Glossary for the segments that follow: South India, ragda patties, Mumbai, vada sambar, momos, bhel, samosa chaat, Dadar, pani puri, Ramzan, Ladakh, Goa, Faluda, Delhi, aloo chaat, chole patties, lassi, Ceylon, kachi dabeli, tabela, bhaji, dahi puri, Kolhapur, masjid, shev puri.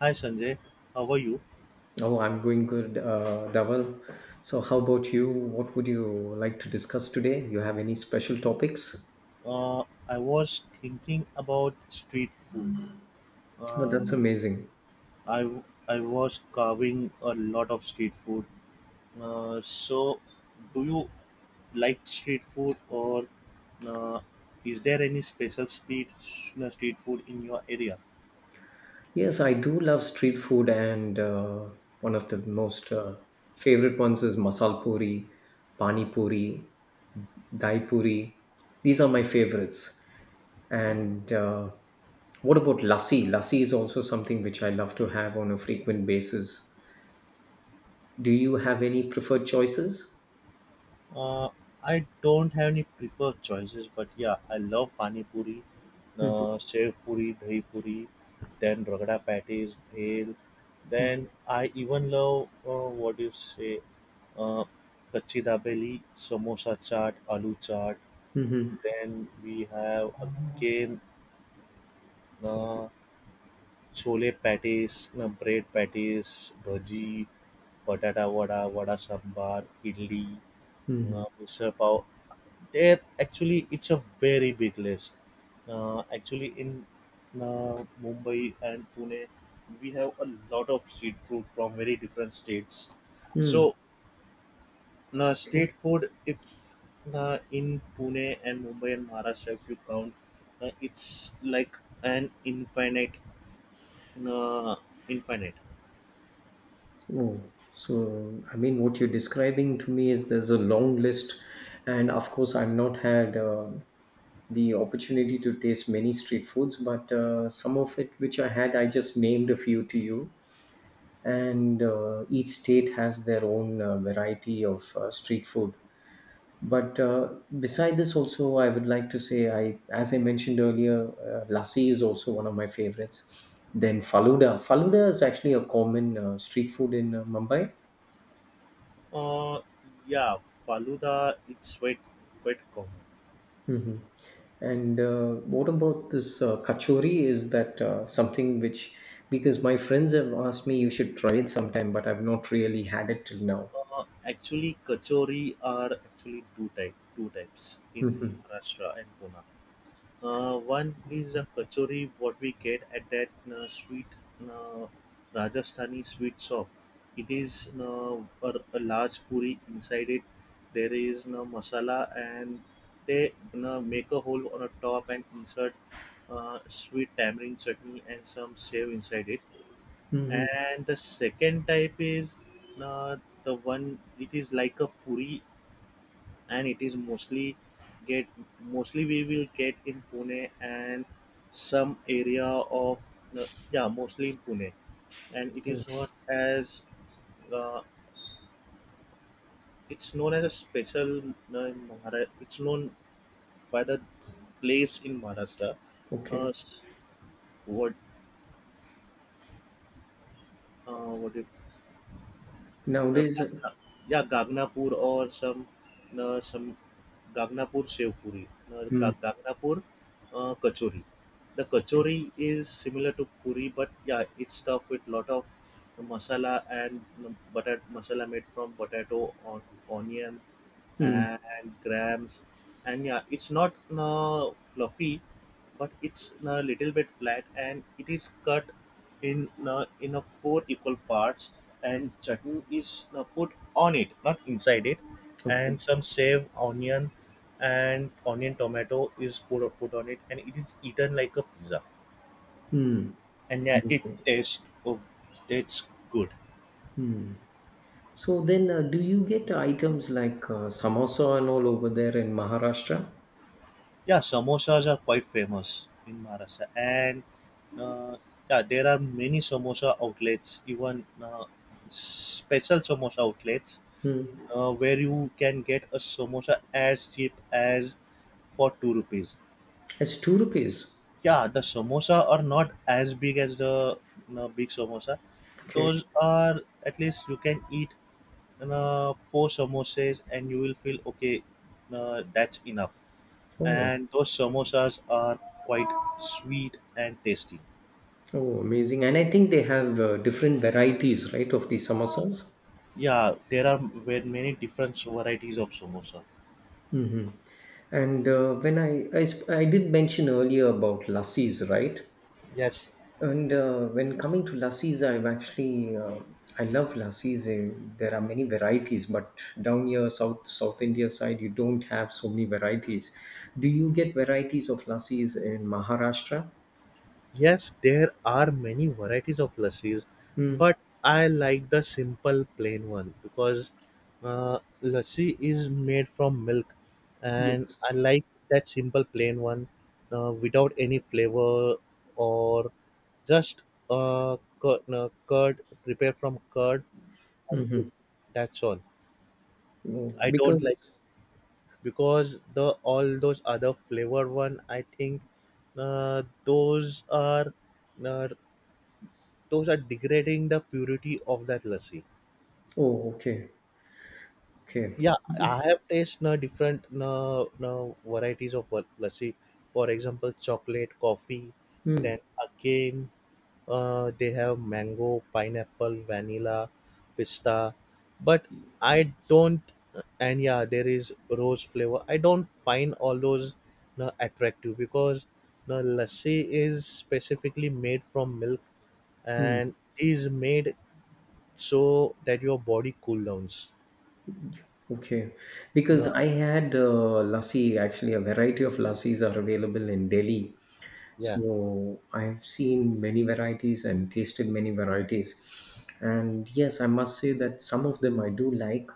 Hi Sanjay, how are you? Oh, I'm going good, Dhaval. So, how about you? What would you like to discuss today? You have any special topics? Uh, I was thinking about street food. Oh, Uh, that's amazing. I I was carving a lot of street food. So, do you like street food, or uh, is there any special street street food in your area? Yes, I do love street food, and one of the most favorite ones is masal puri, pani puri, dai puri. These are my favorites. And what about lassi? Lassi is also something which I love to have on a frequent basis. Do you have any preferred choices? Uh, I don't have any preferred choices, but yeah, I love pani puri, Hmm. Shev puri, dahi puri, then ragda patties, bhel. Then I even love what do you say, uh, kachi dabeli, samosa chaat, aloo chaat. Hmm. Then we have again uh, chole patties, bread patties, bhaji, patata vada, vada sambar, idli, Mhm. Misal pav. There actually, it's a very big list. Actually, in Mumbai and Pune, we have a lot of street food from very different states. Mm, So, okay. state food, if in Pune and Mumbai and Maharashtra, if you count, it's like an infinite, uh, infinite. Oh, so I mean, what you're describing to me is there's a long list, and of course, I've not had the opportunity to taste many street foods, but some of it which I had, I just named a few to you. And each state has their own variety of street food. But beside this, also, I would like to say, I as I mentioned earlier, lassi is also one of my favorites. Then faluda. Faluda is actually a common street food in Mumbai. Uh, yeah, Faluda, it's quite common. Hmm. And what about this kachori? Is that something which, because my friends have asked me, you should try it sometime, but I've not really had it till now. Actually, kachori are actually two types in Hmm. Maharashtra and Pune. One is a kachori what we get at that sweet uh, Rajasthani sweet shop. It is a large puri inside it. There is no masala, and they make a hole on a top and insert sweet tamarind chutney and some save inside it, Hmm. and the second type is uh, the one. It is like a puri, and it is get mostly we will get in Pune and some area of uh, yeah, mostly in Pune, and it is not as uh, it's known as a special in Mahara- it's known by the place in Maharashtra. uh, Okay. s- what uh, what do you... No, Nowadays, Gagna yeah, Gagnapur, or some, no, some Gagnapur Sev Puri. No, Ga- mm, Gagnapur Kachori. The okay. kachori is similar to puri, but yeah, it's stuffed with lot of masala and butter masala made from potato on onion Mm, and grams, and yeah, it's not fluffy, but it's a little bit flat, and it is cut in a four equal parts, and chutney is put on it, not inside it, okay. and some shaved onion, and onion tomato is put on it, and it is eaten like a pizza, Mm. and yeah, it Amazing. tastes good. So then, do you get items like samosa and all over there in Maharashtra? Yeah, samosas are quite famous in Maharashtra, and uh, yeah, there are many samosa outlets, even uh, special samosa outlets Hmm. Where you can get a samosa as cheap as for 2 rupees. It's two rupees. Yeah, the samosa are not as big as the big samosa. Okay. Those are at least you can eat four samosas, and you will feel okay. That's enough. Oh, And those samosas are quite sweet and tasty. oh, amazing. And I think they have different varieties, right, of these samosas. Yeah, there are many different varieties of samosa. Hmm. And when I did mention earlier about lassis, right? Yes, And when coming to lassis, I've actually I love lassis. There are many varieties, but down here, South India side, you don't have so many varieties. Do you get varieties of lassis in Maharashtra? yes, there are many varieties of lassis, Hmm. but I like the simple plain one because lassi is made from milk, and I Yes. like that simple plain one without any flavor, or just curd, no, curd prepared from curd and soup. Mm-hmm. That's all. Oh, I don't because like because the all those other flavor one. I think those are. Uh, those are degrading the purity of that lassi. oh, okay, okay. Yeah, I have tasted different varieties of lassi. For example, chocolate, coffee. Hmm. Then again, they have mango, pineapple, vanilla, pista. But I don't, and yeah, there is rose flavor. I don't find all those attractive because the lassi is specifically made from milk Hmm. and is made so that your body cool downs. Okay, because No, I had lassi. Actually, a variety of lassis are available in Delhi. yeah, So I've seen many varieties and tasted many varieties. And yes, I must say that some of them I do like.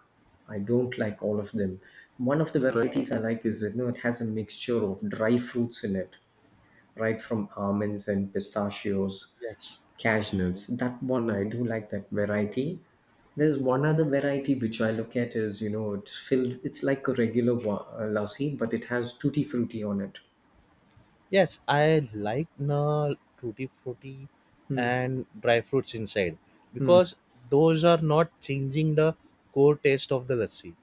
I don't like all of them. One of the varieties I like is that, you know, it has a mixture of dry fruits in it, right from almonds and pistachios, yes, cashew nuts. That one I do like that variety. There's one other variety which I look at is, you know, it's filled. It's like a regular lassi, but it has tutti frutti on it. yes. I like na tutti frutti Hmm. and dry fruits inside Hmm. because those are not changing the core taste of the lassi.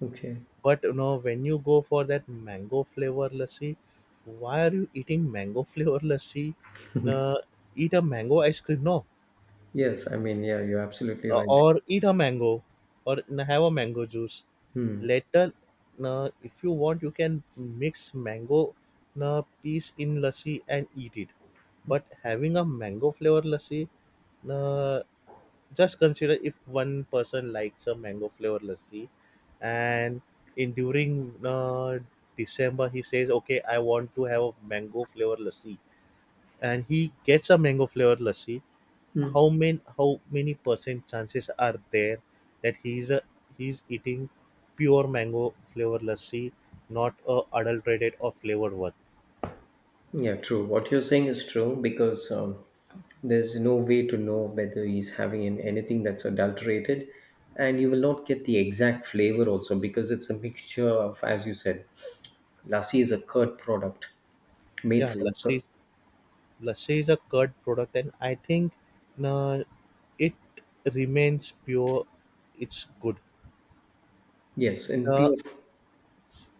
Okay. But when you go for that mango flavor lassi, why are you eating mango flavor lassi? Na, eat a mango ice cream. No, Yes, I mean, yeah, you're absolutely right. or eat a mango or have a mango juice Hmm. later, if you want, you can mix mango piece in lassi and eat it, but having a mango flavor lassi, uh, just consider if one person likes a mango flavor lassi, and in during uh, December, he says, okay, I want to have a mango flavor lassi, and he gets a mango flavor lassi. Hmm. How many percent chances are there that he's eating pure mango flavor lassi, not a adulterated or flavored one? Yeah, true. What you're saying is true because there's no way to know whether he's having anything that's adulterated, and you will not get the exact flavor also because it's a mixture of, as you said, lassi is a curd product made Yeah, from lassi curd. is lassi is a curd product, and I think uh, it remains pure. It's good. Yes, and The pure.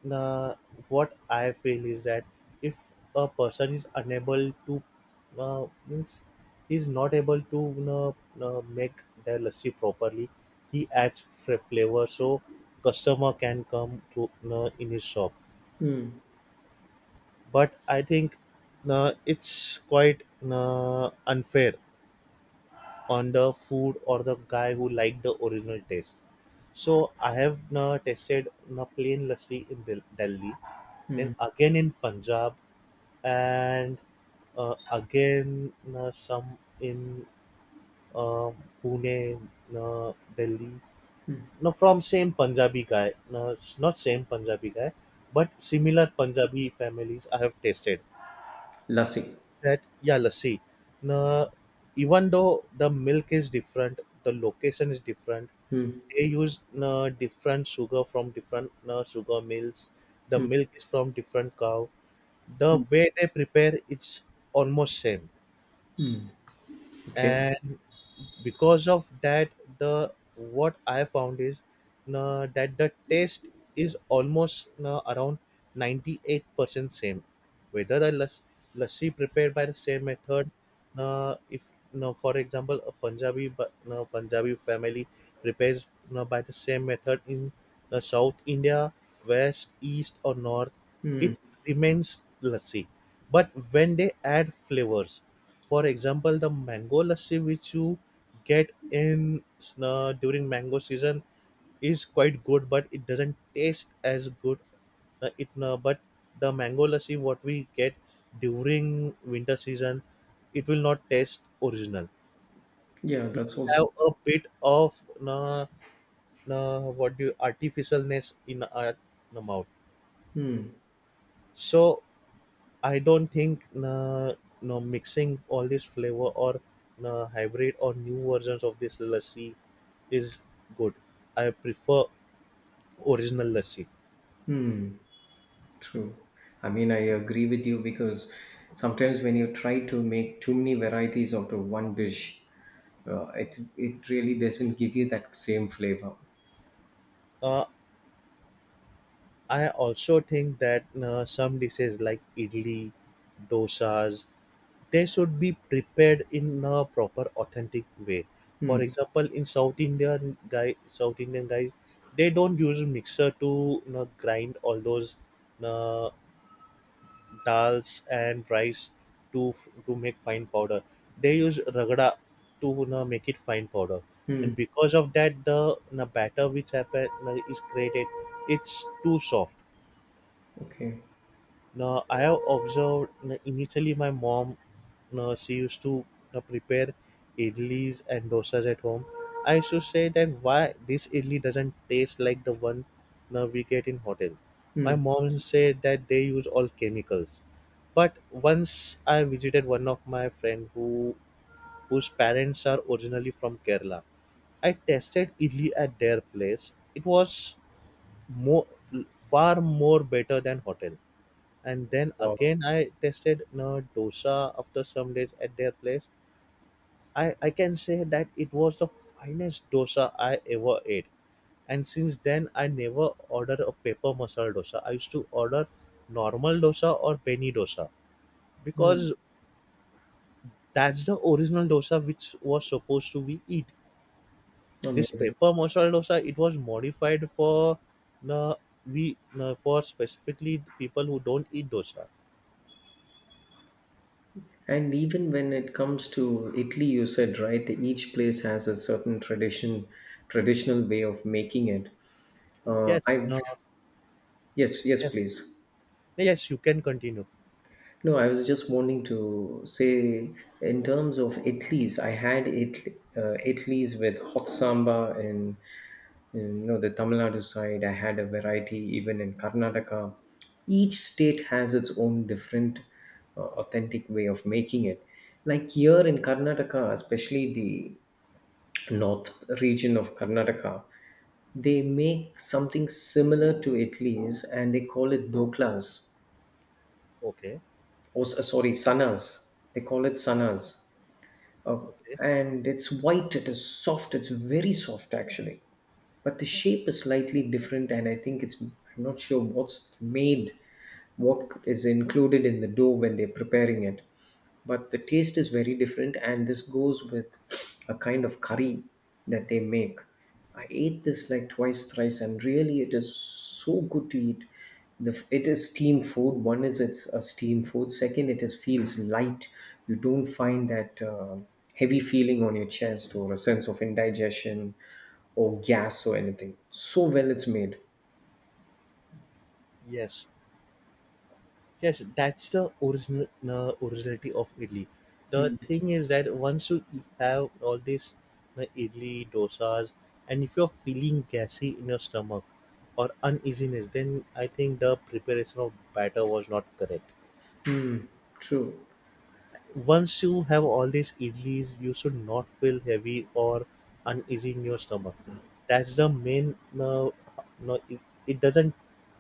the What I feel is that if a person is unable to means is not able to make their lassi properly, he adds flavor so customer can come to, in his shop. Hmm. But I think it's quite unfair on the food or the guy who liked the original taste. So I have tasted plain lassi in Delhi, then again in Punjab, and again some in uh, Pune, Delhi. No, from same Punjabi guy, no, not same Punjabi guy, but similar Punjabi families I have tasted. Lassi. That yeah, lassi. No, even though the milk is different, the location is different, Hmm. they use different sugar from different sugar mills, the Hmm. milk is from different cow, the Hmm. way they prepare, it's almost same, Okay. and because of that, the what I found is that the taste is almost around 98% same, whether the lassi prepared by the same method. If now, for example, a Punjabi, but now Punjabi family prepares now by the same method in South India, west, east, or north, it remains lassi, but when they add flavors, for example, the mango lassi which you get in during mango season is quite good, but it doesn't taste as good. It but the mango lassi what we get during winter season, it will not taste original. Yeah, We that's will also. have a bit of uh, what do you, artificialness in our mouth. Hmm. So I don't think no mixing all this flavor or hybrid or new versions of this lassi is good. I prefer original lassi. True. I mean, I agree with you because sometimes when you try to make too many varieties out of one dish, it really doesn't give you that same flavor. Uh, I also think that some dishes like idli, dosas, they should be prepared in a proper, authentic way. Hmm. For example, in South Indian guy, South Indian guys, they don't use mixer to grind all those uh, dals and rice to to make fine powder. They use ragda to, make it fine powder, Hmm. and because of that, the batter which happen, is created, it's too soft. Okay. Now I have observed na, initially my mom now she used to prepare idlis and dosas at home. I used to say that why this idli doesn't taste like the one now we get in hotel. My Hmm. mom said that they use all chemicals. But once I visited one of my friend whose parents are originally from Kerala. I tasted idli at their place. It was more far more better than hotel, and then Wow. again, I tested, dosa after some days at their place. I can say that it was the finest dosa I ever ate, and since then I never ordered a paper masala dosa. I used to order normal dosa or penny dosa Hmm. because that's the original dosa which was supposed to be eat. This Amazing. paper masala dosa, it was modified for the we no, for specifically the people who don't eat dosa. And even when it comes to Italy, you said right, each place has a certain tradition, traditional way of making it. Yes, I've no, Yes, yes, yes, please. yes, you can continue. No, I was just wanting to say, in terms of Italy's, I had Italy, Italy's with hot samba in, you know, the Tamil Nadu side. I had a variety even in Karnataka. Each state has its own different, authentic way of making it. Like here in Karnataka, especially the north region of Karnataka, they make something similar to Italy's and they call it doklas Okay, or sorry, sannas. They call it sannas. Uh, okay. and it's white, it is soft, it's very soft actually. But the shape is slightly different, and I think it's, I'm not sure what's made, what is included in the dough when they're preparing it. But the taste is very different, and this goes with a kind of curry that they make. I ate this like twice, thrice, and really it is so good to eat. The it is steam food. One is it's a steam food. Second, it is feels light. You don't find that heavy feeling on your chest or a sense of indigestion or gas or anything. So well it's made. Yes, yes, that's the original originality of idli. The thing is that once you have all these idli, dosas, and if you're feeling gassy in your stomach or uneasiness, then I think the preparation of batter was not correct. Mm, true. Once you have all these idlis, you should not feel heavy or uneasy in your stomach. That's the main. No, no, it doesn't.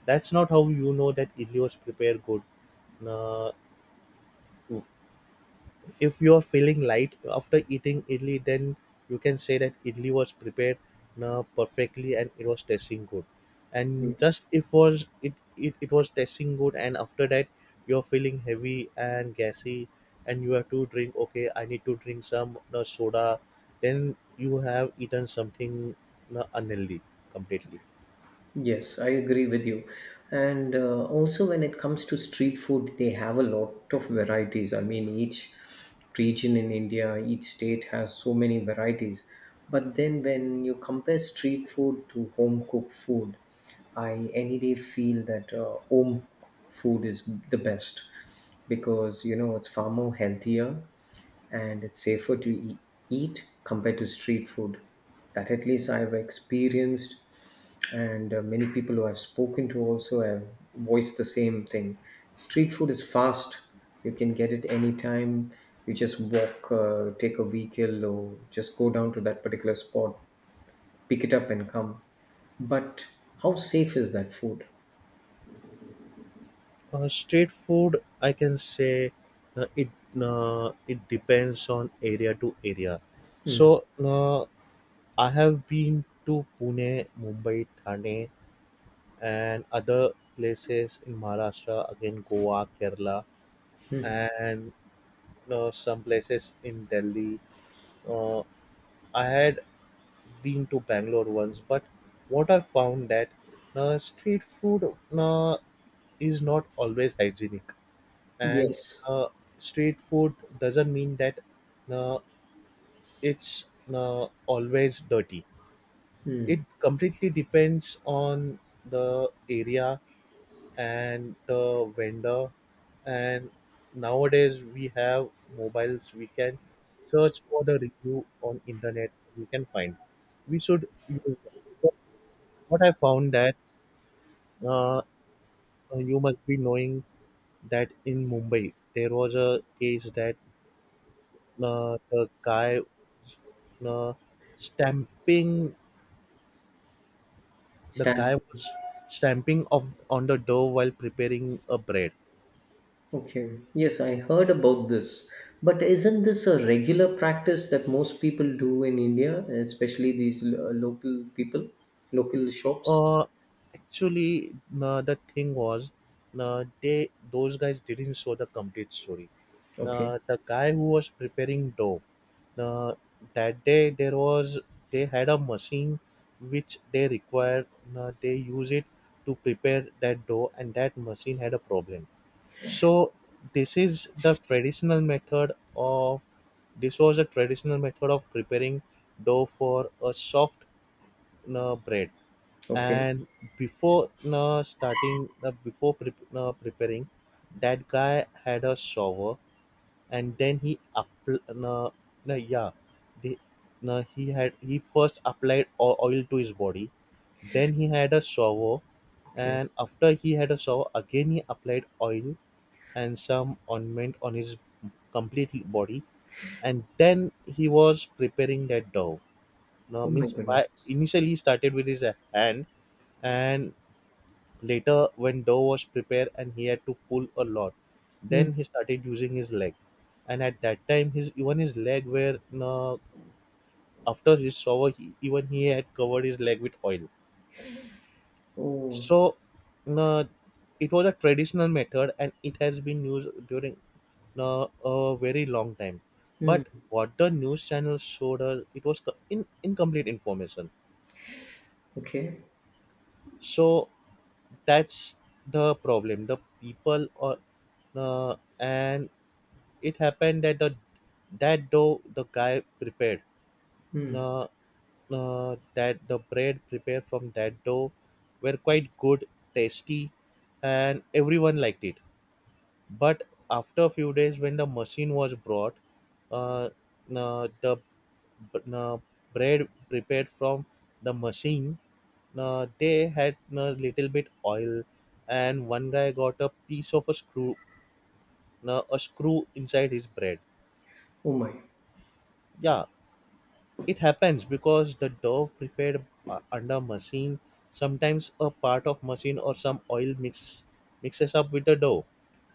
That's not how you know that idli was prepared good. No, if you're feeling light after eating idli, then you can say that idli was prepared perfectly and it was tasting good, and just if was it, it was tasting good, and after that, you're feeling heavy and gassy, and you have to drink okay, I need to drink some the soda, then you have eaten something unhealthy completely. Yes, I agree with you. And also, when it comes to street food, they have a lot of varieties. I mean, each region in India, each state has so many varieties. But then, when you compare street food to home cooked food, I any day feel that home food is the best because you know it's far more healthier and it's safer to eat compared to street food. That at least I've experienced, and many people who I've spoken to also have voiced the same thing. Street food is fast; you can get it anytime. You just walk, take a vehicle, or just go down to that particular spot, pick it up, and come. But how safe is that food? Street food, I can say it it depends on area to area. So I have been to Pune, Mumbai, Thane, and other places in Maharashtra. Again, Goa, Kerala, and some places in Delhi. Uh, I had been to Bangalore once, but what I found that street food is not always hygienic, and Yes, uh, street food doesn't mean that uh, it's always dirty. It completely depends on the area and the vendor. And nowadays we have mobiles. We can search for the review on internet. We can find. We should use that. Because What I found that uh, you must be knowing that in Mumbai there was a case that the guy uh, stamping. The Stan. guy was stamping of, on the door while preparing a bread. Okay. Yes, I heard about this. But isn't this a regular practice that most people do in India, especially these local people, local shops? Uh, Actually, no, the thing was, no, they those guys didn't show the complete story. Okay. No, the guy who was preparing dough, no, that day there was they had a machine which they required. No, they use it to prepare that dough, and that machine had a problem. So this is the traditional method of this was a traditional method of preparing dough for a soft bread. Okay, And before preparing, that guy had a shower, and then he appl- no, no, yeah the, no, he had he first applied oil to his body, then he had a shower, okay. and after he had a shower again he applied oil and some ointment on his complete body, and then he was preparing that dough. Now Oh my means goodness. by initially he started with his hand, and later, when dough was prepared and he had to pull a lot, Hmm. then he started using his leg. And at that time, his even his leg were, after his shower, even he had covered his leg with oil. Oh. So, uh, it was a traditional method, and it has been used during a very long time. Hmm. But what the news channel showed us, it was incomplete information. Okay. So that's the problem. The people or, and, it happened that the that dough the guy prepared, uh, that the bread prepared from that dough were quite good, tasty, and everyone liked it. But after a few days, when the machine was brought, uh, the uh, bread prepared from the machine, they had a little bit oil, and one guy got a piece of a screw, inside his bread. Oh my. Yeah. It happens because the dough prepared under machine, sometimes a part of machine or some oil mixes up with the dough.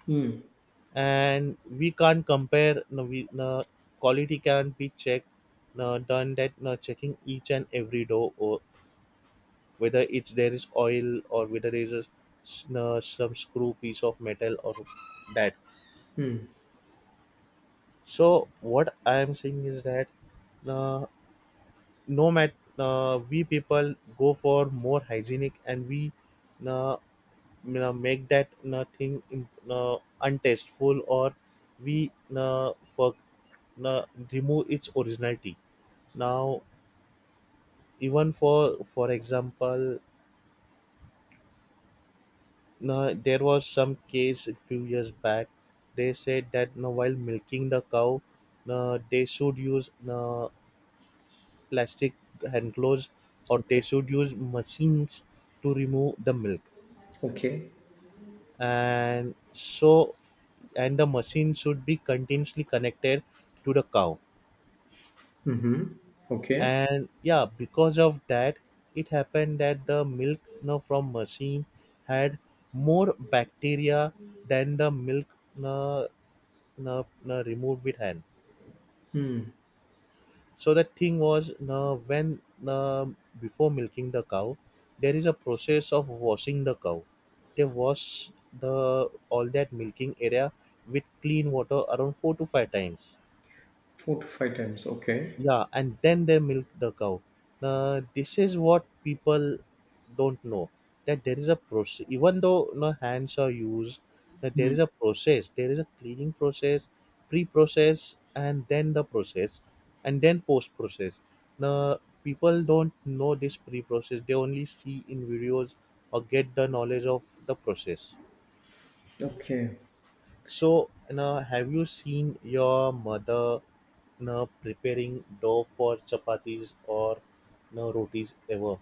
Hmm. And we can't compare, no, we, no, quality can't be checked, no, done that, no, checking each and every dough or whether it's there is oil or whether there is a, s-, no, some screw piece of metal or that. Hmm. So what I am saying is that, no, no matter we people go for more hygienic, and we, uh, make that thing in, untasteful, or we, for uh, remove its originality. Now, even for example, there was some case a few years back. They said that while milking the cow they should use plastic hand gloves, or they Okay. should use machines to remove the milk, Okay. and so and the machine should be continuously connected to the cow. Mm-hmm. Okay. And yeah, because of that, it happened that the milk, you know, from machine had more bacteria than the milk, you know, removed with hand. So the thing was, when, before milking the cow there is a process of washing the cow. They wash the all that milking area with clean water around 4 to 5 times, Four to five times. Okay. yeah, and then they milk the cow. This is what people don't know, that there is a process even though no hands are used, that there is a process, there is a cleaning process, pre-process, and then the process, and then post-process. Now people don't know this pre-process, they only see in videos or get the knowledge of the process. Okay. So, have you seen your mother, preparing dough for chapatis or, rotis ever?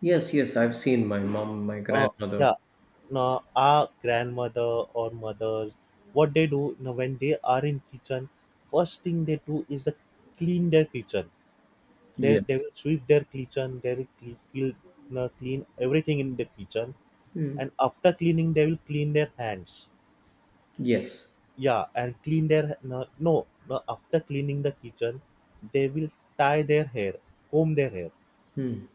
Yes, yes. I've seen my mom, my Uh, grandmother. yeah. Now, our grandmother or mothers, what they do, when they are in kitchen, first thing they do is the clean their kitchen. They Yes. will sweep their kitchen. They will clean everything in the kitchen, and after cleaning, they will clean their hands. Yes. Yeah, and clean their, no, no no, after cleaning the kitchen, they will tie their hair, comb their hair. Hmm.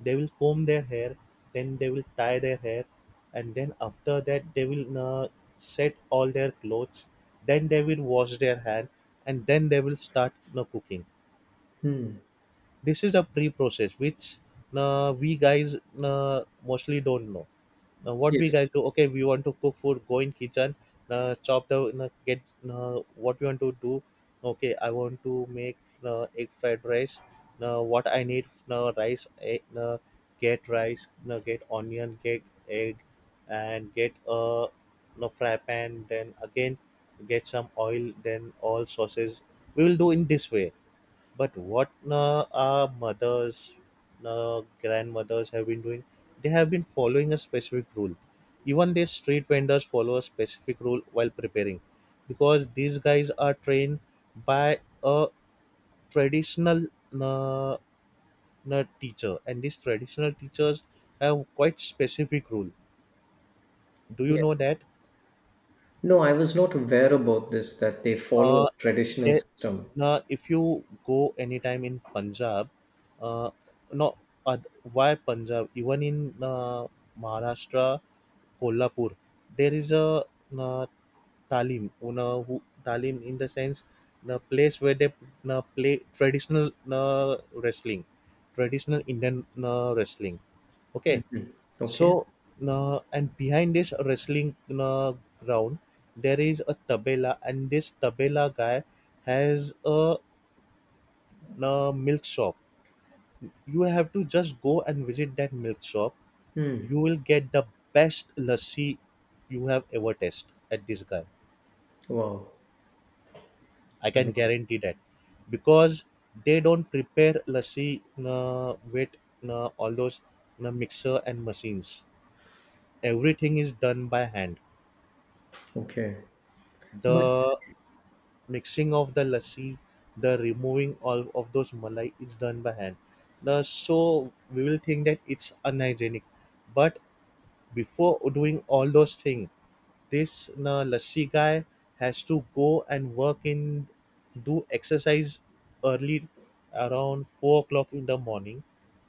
They will comb their hair, then they will tie their hair, and then after that they will, no, set all their clothes. Then they will wash their hand, and then they will start, no, cooking. Hmm. This is a pre-process which, no, we guys, no, mostly don't know. Now what we Yes. guys do? Okay, we want to cook food. Go in kitchen, chop the get what we want to do. Okay, I want to make egg fried rice. Now what I need, rice, egg, get rice, get onion, get egg, and get a no fry pan. Then again, get some oil. Then all sauces. We will do in this way, but what, our mothers, grandmothers have been doing, they have been following a specific rule. Even these street vendors follow a specific rule while preparing, because these guys are trained by a traditional uh, teacher, and these traditional teachers have quite specific rule. Do you Yes. know that? No, I was not aware about this that they follow a Uh, traditional there, system. now if you go anytime in Punjab, uh, no, uh, why Punjab, even in uh, Maharashtra, Kolhapur, there is a uh, talim, una who, talim in the sense the place where they play traditional uh, wrestling, traditional Indian wrestling, okay. Okay. So, and behind this wrestling ground, there is a tabela, and this tabela guy has a milk shop. You have to just go and visit that milk shop. Hmm. You will get the best lassi you have ever tasted at this guy. Wow. I I can mean, guarantee that, because they don't prepare lassi with all those mixer and machines. Everything is done by hand. okay. But The mixing of the lassi, the removing all of those malai, it's done by hand. The, so we will think that it's unhygienic, but before doing all those things, this na lassi guy has to go and work in, do exercise early around 4 o'clock in the morning,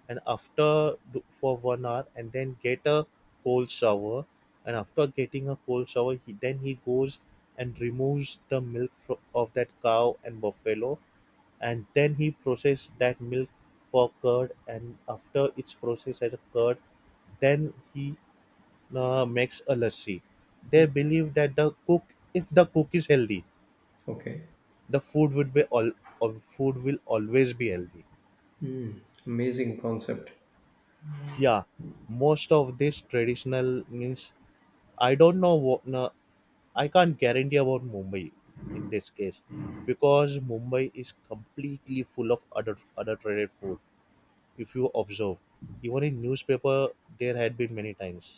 and after do- for 1 hour, and then get a cold shower, and after getting a cold shower he, then he goes and removes the milk fro- of that cow and buffalo, and then he processes that milk for curd, and after it's processed as a curd, then he makes a lassi. They believe that the cook, if the cook is healthy, okay. the food would be all, of food will always be healthy. Hmm. Amazing concept. Yeah, most of this traditional means, I don't know what. No, I can't guarantee about Mumbai in this case, because Mumbai is completely full of other traded food. If you observe, even in newspaper, there had been many times.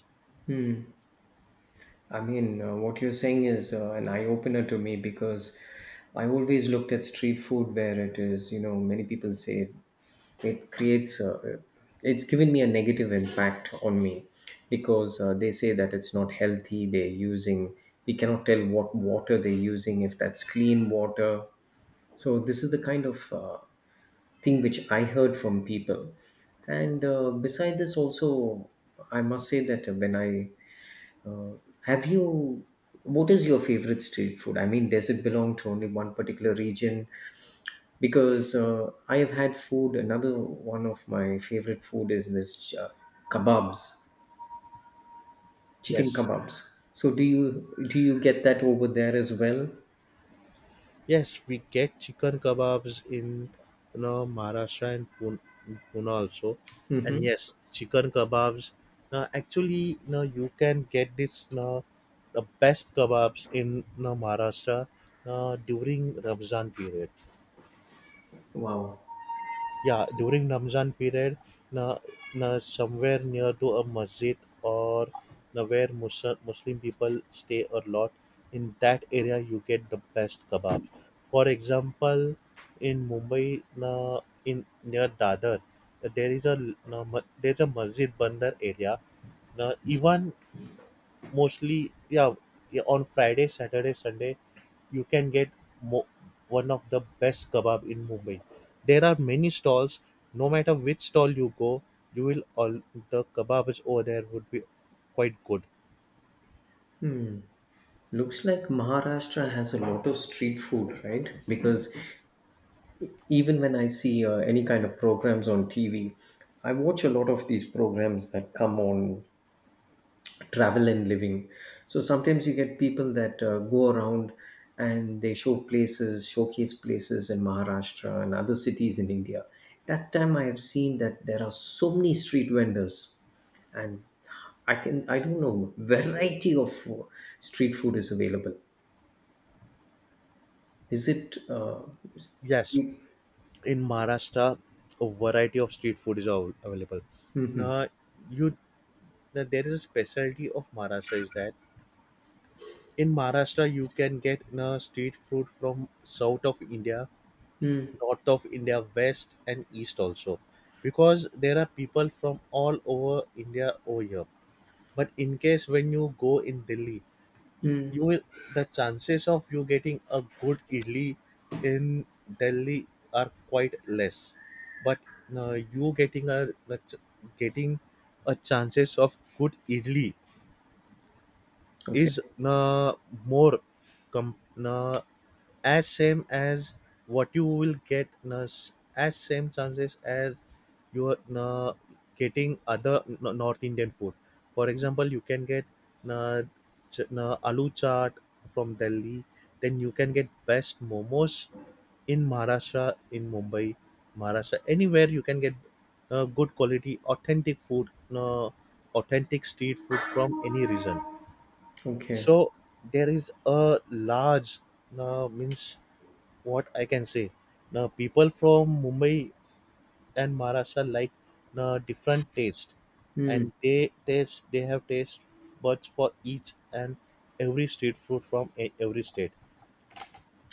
I mean, what you're saying is an eye opener to me because I always looked at street food where it is, you know, many people say it creates, it's given me a negative impact on me because they say that it's not healthy. They're using, we cannot tell what water they're using, if that's clean water. So, this is the kind of thing which I heard from people. And beside this, also, I must say that when I uh, have you? What is your favorite street food? I mean, does it belong to only one particular region? Because I have had food. Another one of my favorite food is this kebabs, chicken Yes. kebabs. So do you get that over there as well? Yes, we get chicken kebabs in, you know, Maharashtra and Pune, Pune also, Mm-hmm. and yes, chicken kebabs. Now, actually, now you can get this now the best kebabs in now Maharashtra now during Ramzan period. Wow. Yeah, during Ramzan period, na, na somewhere near to a masjid, or na where Muslim people stay a lot, in that area you get the best kebabs. For example, in Mumbai, na, in near Dadar, there is a na, ma-, there's a masjid bandar area. Na, even mostly, yeah, yeah, on Friday, Saturday, Sunday, you can get mo- one of the best kebab in Mumbai. There are many stalls. No matter which stall you go, you will all the kebab is over there would be quite good. Looks like Maharashtra has a lot of street food, right? Because even when I see any kind of programs on TV, I watch a lot of these programs that come on travel and living. So sometimes you get people that go around and they show places, showcase places in Maharashtra and other cities in India. That time I have seen that there are so many street vendors, and I can I don't know variety of street food is available. Is it? Is- Yes, in Maharashtra, a variety of street food is av- available. Now, you, now there is a specialty of Maharashtra is that in Maharashtra you can get street food from south of India, mm, north of India, west and east also, because there are people from all over India over here. But in case when you go in Delhi, mm, you will, the chances of you getting a good idli in Delhi are quite less. But you getting a the ch-, getting a chances of good idli okay, is more com-, uh, as same as what you will get, na, s-, as same chances as you are, na, getting other, na, north Indian food. For example you can get, na, ch-, na, aloo chaat from Delhi, then you can get best momos in Maharashtra, in Mumbai, Maharashtra, anywhere you can get good quality authentic food, na, authentic street food from any region. okay. So there is a large means, what I can say. Now people from Mumbai and Maharashtra like different taste, Mm. and they have taste buds for each and every street food from e- every state.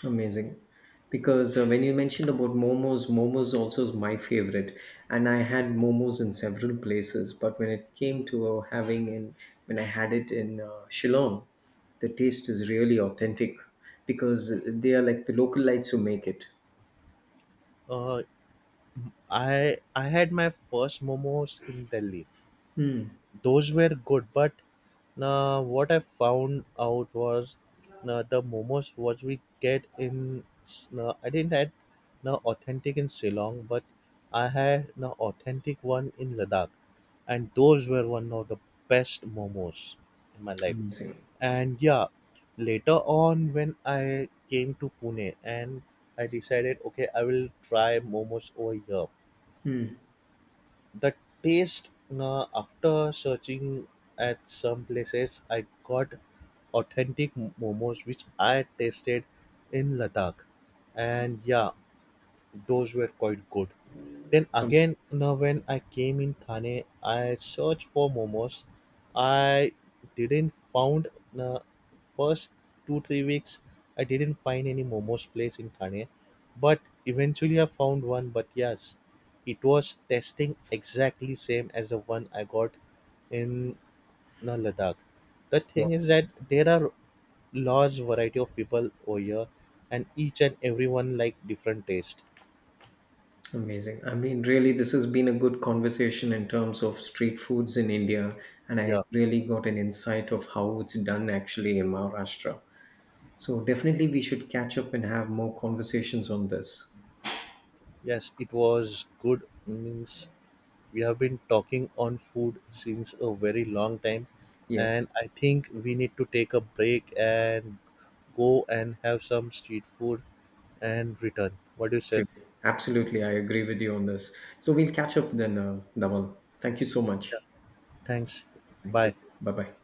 Amazing. Because when you mentioned about momos, momos also is my favorite. And I had momos in several places. But when it came to having in, when I had it in Shillong, the taste is really authentic because they are like the local lights who make it. Uh, I had my first momos in Delhi, those were good, but what I found out was, the momos what we get in S-, I didn't had, no authentic in Ceylon, but I had an authentic one in Ladakh, and those were one of the best momos in my life. Amazing. And yeah, later on when I came to Pune, and I decided okay I will try momos over here, Hmm. the taste, after searching at some places I got authentic momos which I tasted in Ladakh, and yeah, those were quite good. Then again, now when I came in Thane, I searched for momos. I didn't found, uh, first 2-3 weeks. I didn't find any momos place in Thane, but eventually I found one. But yes, it was tasting exactly same as the one I got in Ladakh. The Wow. thing is that there are large variety of people over here, and each and everyone like different taste. Amazing. I mean, really, this has been a good conversation in terms of street foods in India. And I Yeah. really got an insight of how it's done actually in Maharashtra. So definitely we should catch up and have more conversations on this. Yes, it was good, means we have been talking on food since a very long time, Yes, and I think we need to take a break and go and have some street food and return. What do you say? sure. Absolutely, I agree with you on this. So we'll catch up then, Naval. Thank you so Yeah, much. thanks. Thank you. Bye. Bye bye.